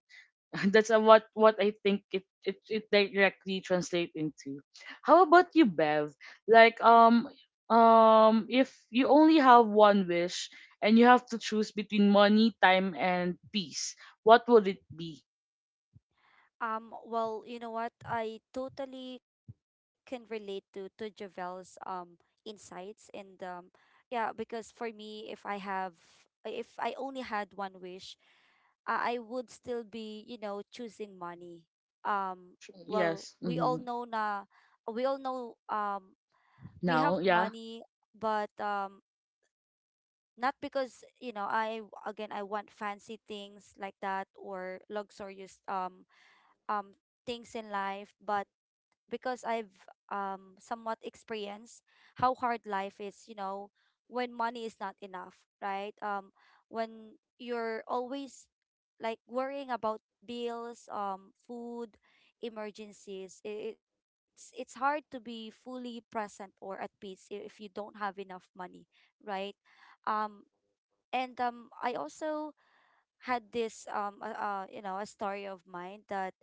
A: That's what I think it directly translate into. How about you, Bev? Like if you only have one wish and you have to choose between money, time, and peace, what would it be?
C: You know what? I totally can relate to Javel's insights and yeah, because for me, if I have, if I only had one wish, I would still be, you know, choosing money. Um,
A: Yes.
C: we
A: Mm-hmm.
C: all know na we all know we
A: Now,
C: have
A: yeah.
C: money, but not because, you know, I again I want fancy things like that or luxurious um things in life but because I've somewhat experienced how hard life is, you know, when money is not enough, right? When you're always like worrying about bills, food, emergencies, it's hard to be fully present or at peace if you don't have enough money, right? Um and um I also had this you know, a story of mine that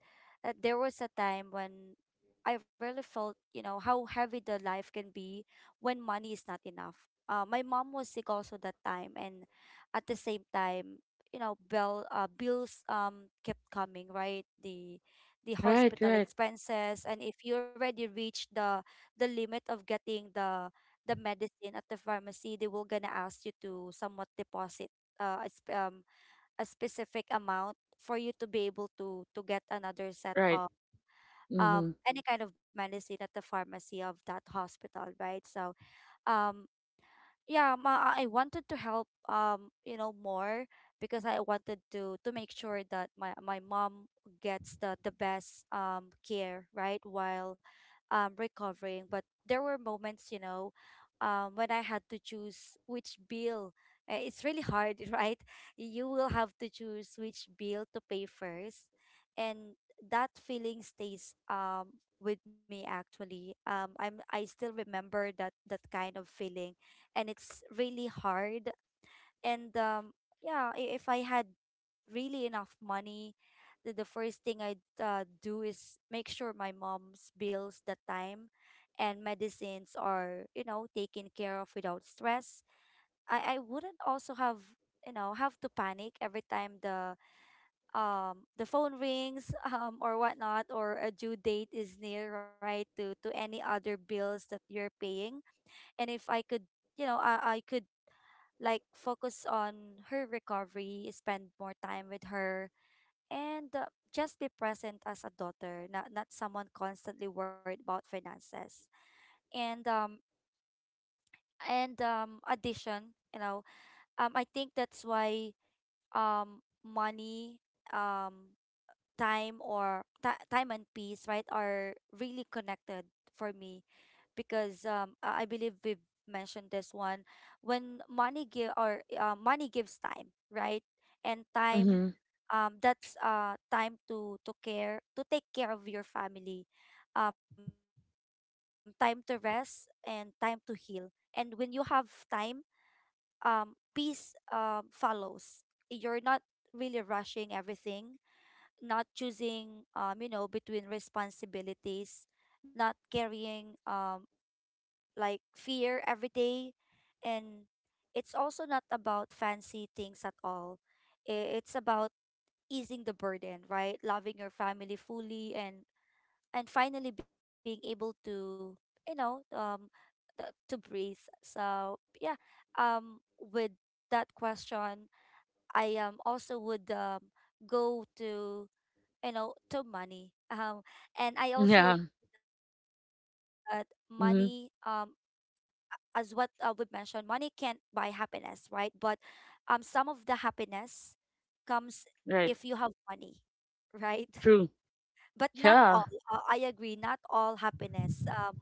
C: there was a time when I really felt, you know, how heavy the life can be when money is not enough. My mom was sick also that time, and at the same time, you know, bills kept coming, right? The
A: Right.
C: hospital
A: Right.
C: expenses, and if you already reach the limit of getting the medicine at the pharmacy, they will gonna ask you to somewhat deposit, it's, a specific amount for you to be able to get another set
A: Right.
C: of
A: Mm-hmm.
C: any kind of medicine at the pharmacy of that hospital, right? So um yeah, ma I wanted to help, you know, more because I wanted to make sure that my mom gets the best care, right? While recovering, but there were moments, you know, when I had to choose which bill, it's really hard right? You will have to choose which bill to pay first, and that feeling stays with me actually. I still remember that that kind of feeling, and it's really hard. And Yeah, if I had really enough money, the first thing I'd do is make sure my mom's bills that time and medicines are, you know, taken care of without stress. I wouldn't also have, you know, have to panic every time the phone rings or whatnot, or a due date is near, right? To any other bills that you're paying. And if I could, you know, I could like focus on her recovery, spend more time with her, and just be present as a daughter, not not someone constantly worried about finances. And um and addition, you know, I think that's why money, um time or ti time and peace, right, are really connected for me because I believe we've mentioned this one. When money give or money gives time, right? And
A: Mm-hmm.
C: time, that's time to care, to take care of your family. Time to rest and time to heal. And when you have time, um peace follows. You're not really rushing everything, not choosing, you know, between responsibilities, not carrying like fear every day, and it's also not about fancy things at all. It's about easing the burden, right? Loving your family fully, and finally being able to, you know, to breathe. So yeah, with that question, I also would go to, you know, to money. And I also
A: Yeah.
C: agree that money,
A: Mm-hmm.
C: as what we mentioned, money can't buy happiness, right? But some of the happiness comes if
A: Right.
C: you have money, right?
A: True.
C: But not
A: Yeah.
C: all. I agree, not all happiness, um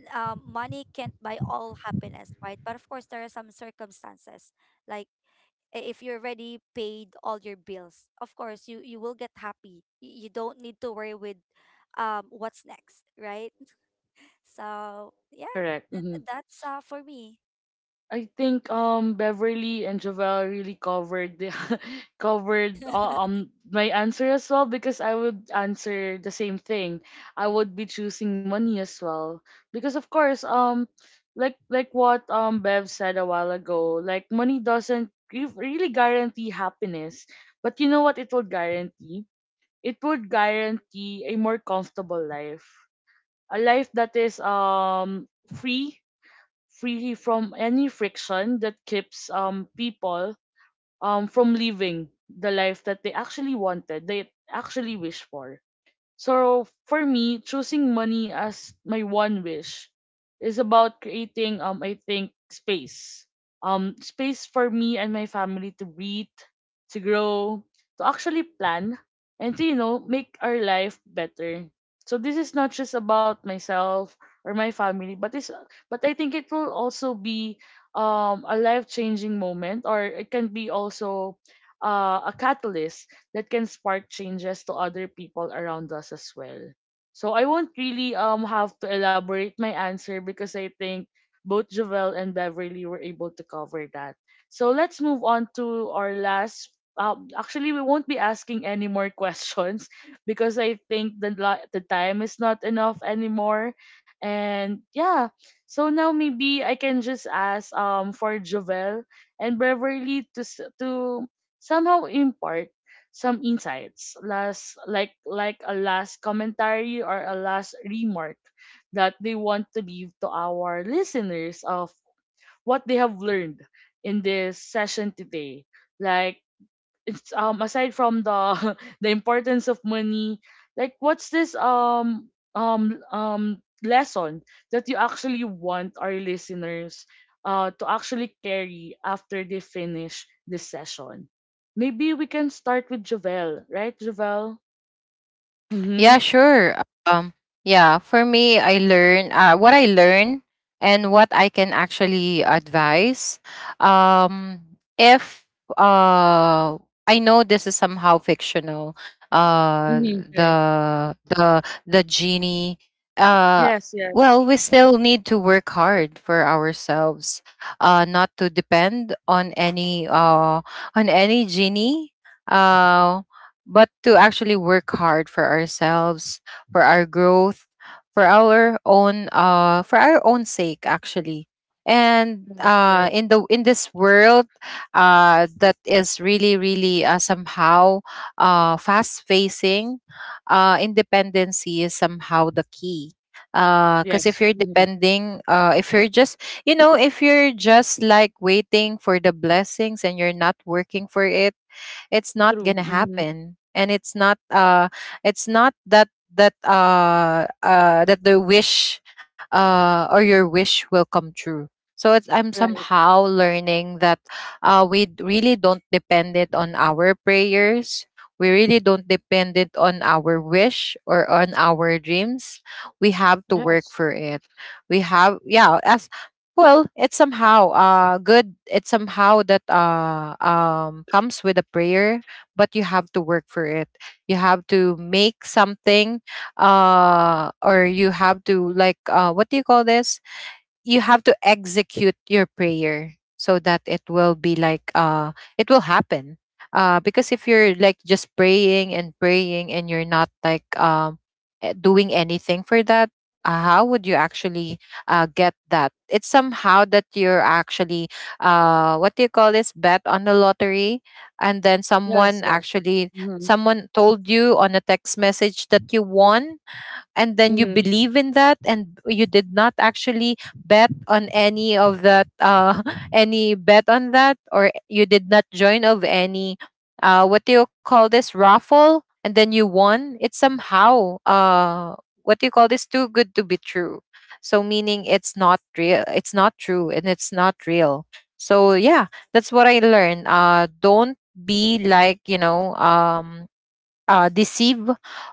C: n- um, money can't buy all happiness, right? But of course there are some circumstances like, if you already paid all your bills, of course you you will get happy. You don't need to worry with what's next, right? So yeah,
A: Correct.
C: that,
A: Mm-hmm.
C: that's for me.
A: I think Beverly and Jovel really covered the covered my answer as well because I would answer the same thing. I would be choosing money as well because of course like what Bev said a while ago, like money doesn't give- really guarantee happiness, but you know what it would guarantee, it would guarantee a more comfortable life, a life that is free, free from any friction that keeps people from living the life that they actually wanted, they actually wish for. So for me, choosing money as my one wish is about creating I think space. Um, space for me and my family to breathe, to grow, to actually plan, and to you know make our life better. So this is not just about myself or my family, but it's but I think it will also be a life changing moment, or it can be also a catalyst that can spark changes to other people around us as well. So I won't really have to elaborate my answer because I think both Jovel and Beverly were able to cover that. So let's move on to our last actually we won't be asking any more questions because I think the time is not enough anymore. And yeah, so now maybe I can just ask for Jovel and Beverly to to somehow impart some insights, last like a last commentary or a last remark that they want to leave to our listeners, of what they have learned in this session today. Like, it's aside from the the importance of money, like what's this lesson that you actually want our listeners to actually carry after they finish this session. Maybe we can start with Javel, right Javel? Mhm.
B: Yeah, sure. Yeah, for me, I learn, and what I can actually advise. Um, if, uh, I know this is somehow fictional, uh,
A: Mhm.
B: the
A: Right.
B: the genie. Uh,
A: Yes, yes.
B: well, we still need to work hard for ourselves, not to depend on any genie. Uh, but to actually work hard for ourselves, for our growth, for our own, for our own sake actually. And
A: Right. Right.
B: in the, in this world that is really really, somehow, fast facing, independency is somehow the key. Because if
A: Yes.
B: you're
A: Mhm.
B: depending, if you're just, you know, if you're just like waiting for the blessings and you're not working for it, it's not
A: True.
B: gonna
A: Mhm.
B: happen, and it's not, it's not that that that the wish or your wish will come true. So it's, I'm
A: Right.
B: somehow learning that we really don't depend it on our prayers, we really don't depend it on our wish or on our dreams. We have to work
A: Yes,
B: for it. We have, yeah, as well, it's somehow good. It's somehow that comes with a prayer, but you have to work for it. You have to make something, or you have to like, what do you call this? You have to execute your prayer so that it will be like, it will happen. Because if you're like just praying and praying, and you're not like, doing anything for that, how would you actually get that. It's somehow that you're actually, what do you call this bet on the lottery, and then
A: yes.
B: someone
A: Yes.
B: actually,
A: Mhm.
B: someone told you on a text message that you won, and then you
A: Mhm.
B: believe in that, and you did not actually bet on any of that, any bet on that, or you did not join of any, what do you call this raffle, and then you won. It's somehow, what do you call this too good to be true. So meaning, it's not real, it's not true, and it's not real. So yeah, that's what I learned. Don't be like, you know, deceive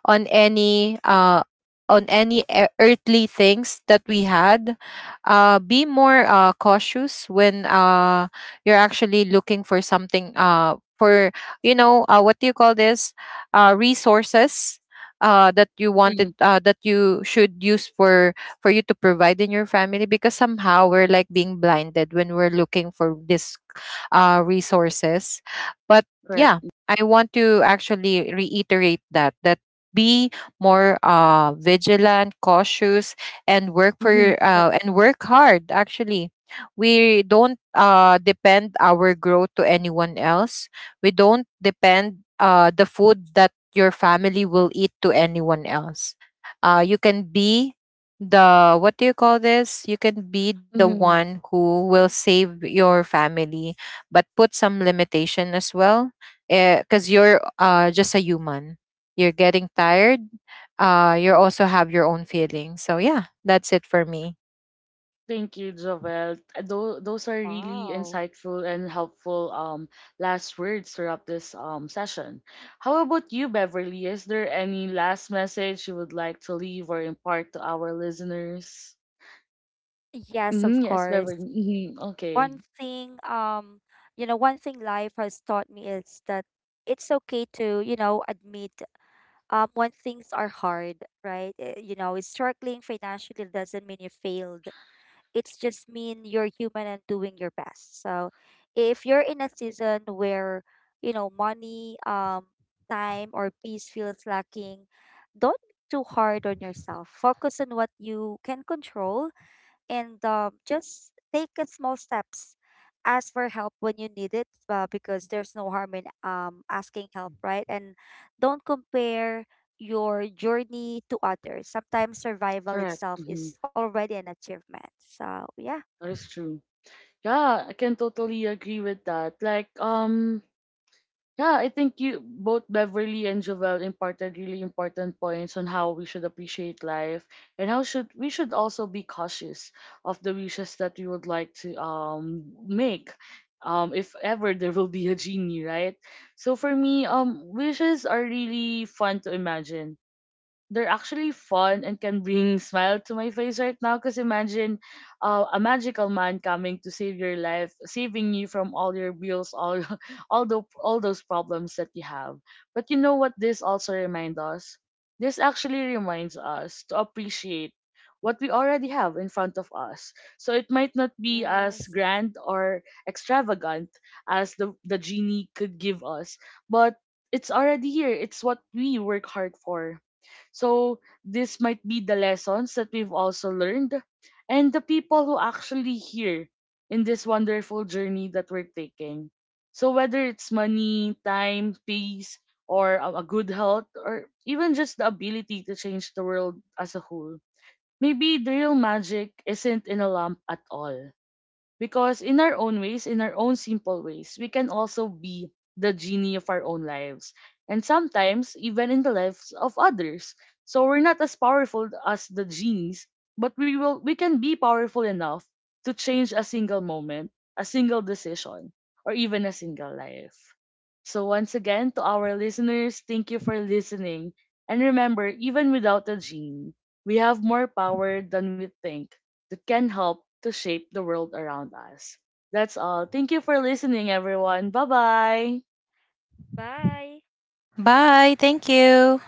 B: on any uh, on any earthly things that we had. Be more, cautious when, you're actually looking for something, for, you know, what do you call this resources, that you wanted,
A: Mhm.
B: that you should use for you to provide in your family, because somehow we're like being blinded when we're looking for this, resources. But
A: Correct.
B: yeah, I want to actually reiterate that, that be more, vigilant, cautious, and work for
A: Mhm.
B: and work hard. Actually, we don't, depend our growth to anyone else. We don't depend, the food that your family will eat to anyone else. You can be the, what do you call this? you can be the
A: Correct.
B: one who will save your family, but put some limitation as well, because you're, just a human, you're getting tired, you also have your own feelings. So yeah, that's it for me.
A: Thank you, Jovel. Those are really
C: Wow.
A: insightful and helpful last words throughout this session. How about you, Beverly? Is there any last message you would like to leave or impart to our listeners?
C: Yes,
A: Mm-hmm,
C: of
A: yes, Beverly.
C: course.
A: Mm-hmm, okay.
C: One thing, you know, one thing life has taught me is that it's okay to, you know, admit when things are hard, right? You know, struggling financially doesn't mean you failed. It's just mean you're human and doing your best. So if you're in a season where, you know, money, time or peace feels lacking, don't be too hard on yourself. Focus on what you can control and, just take it small steps. Ask for help when you need it, because there's no harm in, asking help, right? And don't compare your journey to others. Sometimes survival
A: Correct.
C: itself
A: Mm-hmm,
C: is already an achievement. So, yeah.
A: that is true. Yeah, I can totally agree with that. Like yeah, I think you both Beverly and Jovel imparted really important points on how we should appreciate life and how should also be cautious of the wishes that we would like to make. If ever there will be a genie, right? So for me, wishes are really fun to imagine, they're actually fun and can bring smile to my face right now because imagine a magical man coming to save your life, saving you from all your bills, all all the all those problems that you have. But you know what, this also reminds us, this actually reminds us to appreciate what we already have in front of us. So it might not be as
C: Yes.
A: grand or extravagant as the genie could give us, but it's already here, it's what we work hard for. So this might be the lessons that we've also learned, and the people who actually here in this wonderful journey that we're taking. So whether it's money, time, peace, or a good health, or even just the ability to change the world as a whole, maybe the real magic isn't in a lamp at all. Because in our own ways, in our own simple ways, we can also be the genie of our own lives. And sometimes, even in the lives of others. So we're not as powerful as the genies, but we can be powerful enough to change a single moment, a single decision, or even a single life. So once again, to our listeners, thank you for listening. And remember, even without a genie, we have more power than we think, that can help to shape the world around us. That's all. Thank you for listening, everyone. Bye bye.
C: Bye.
B: Bye, thank you.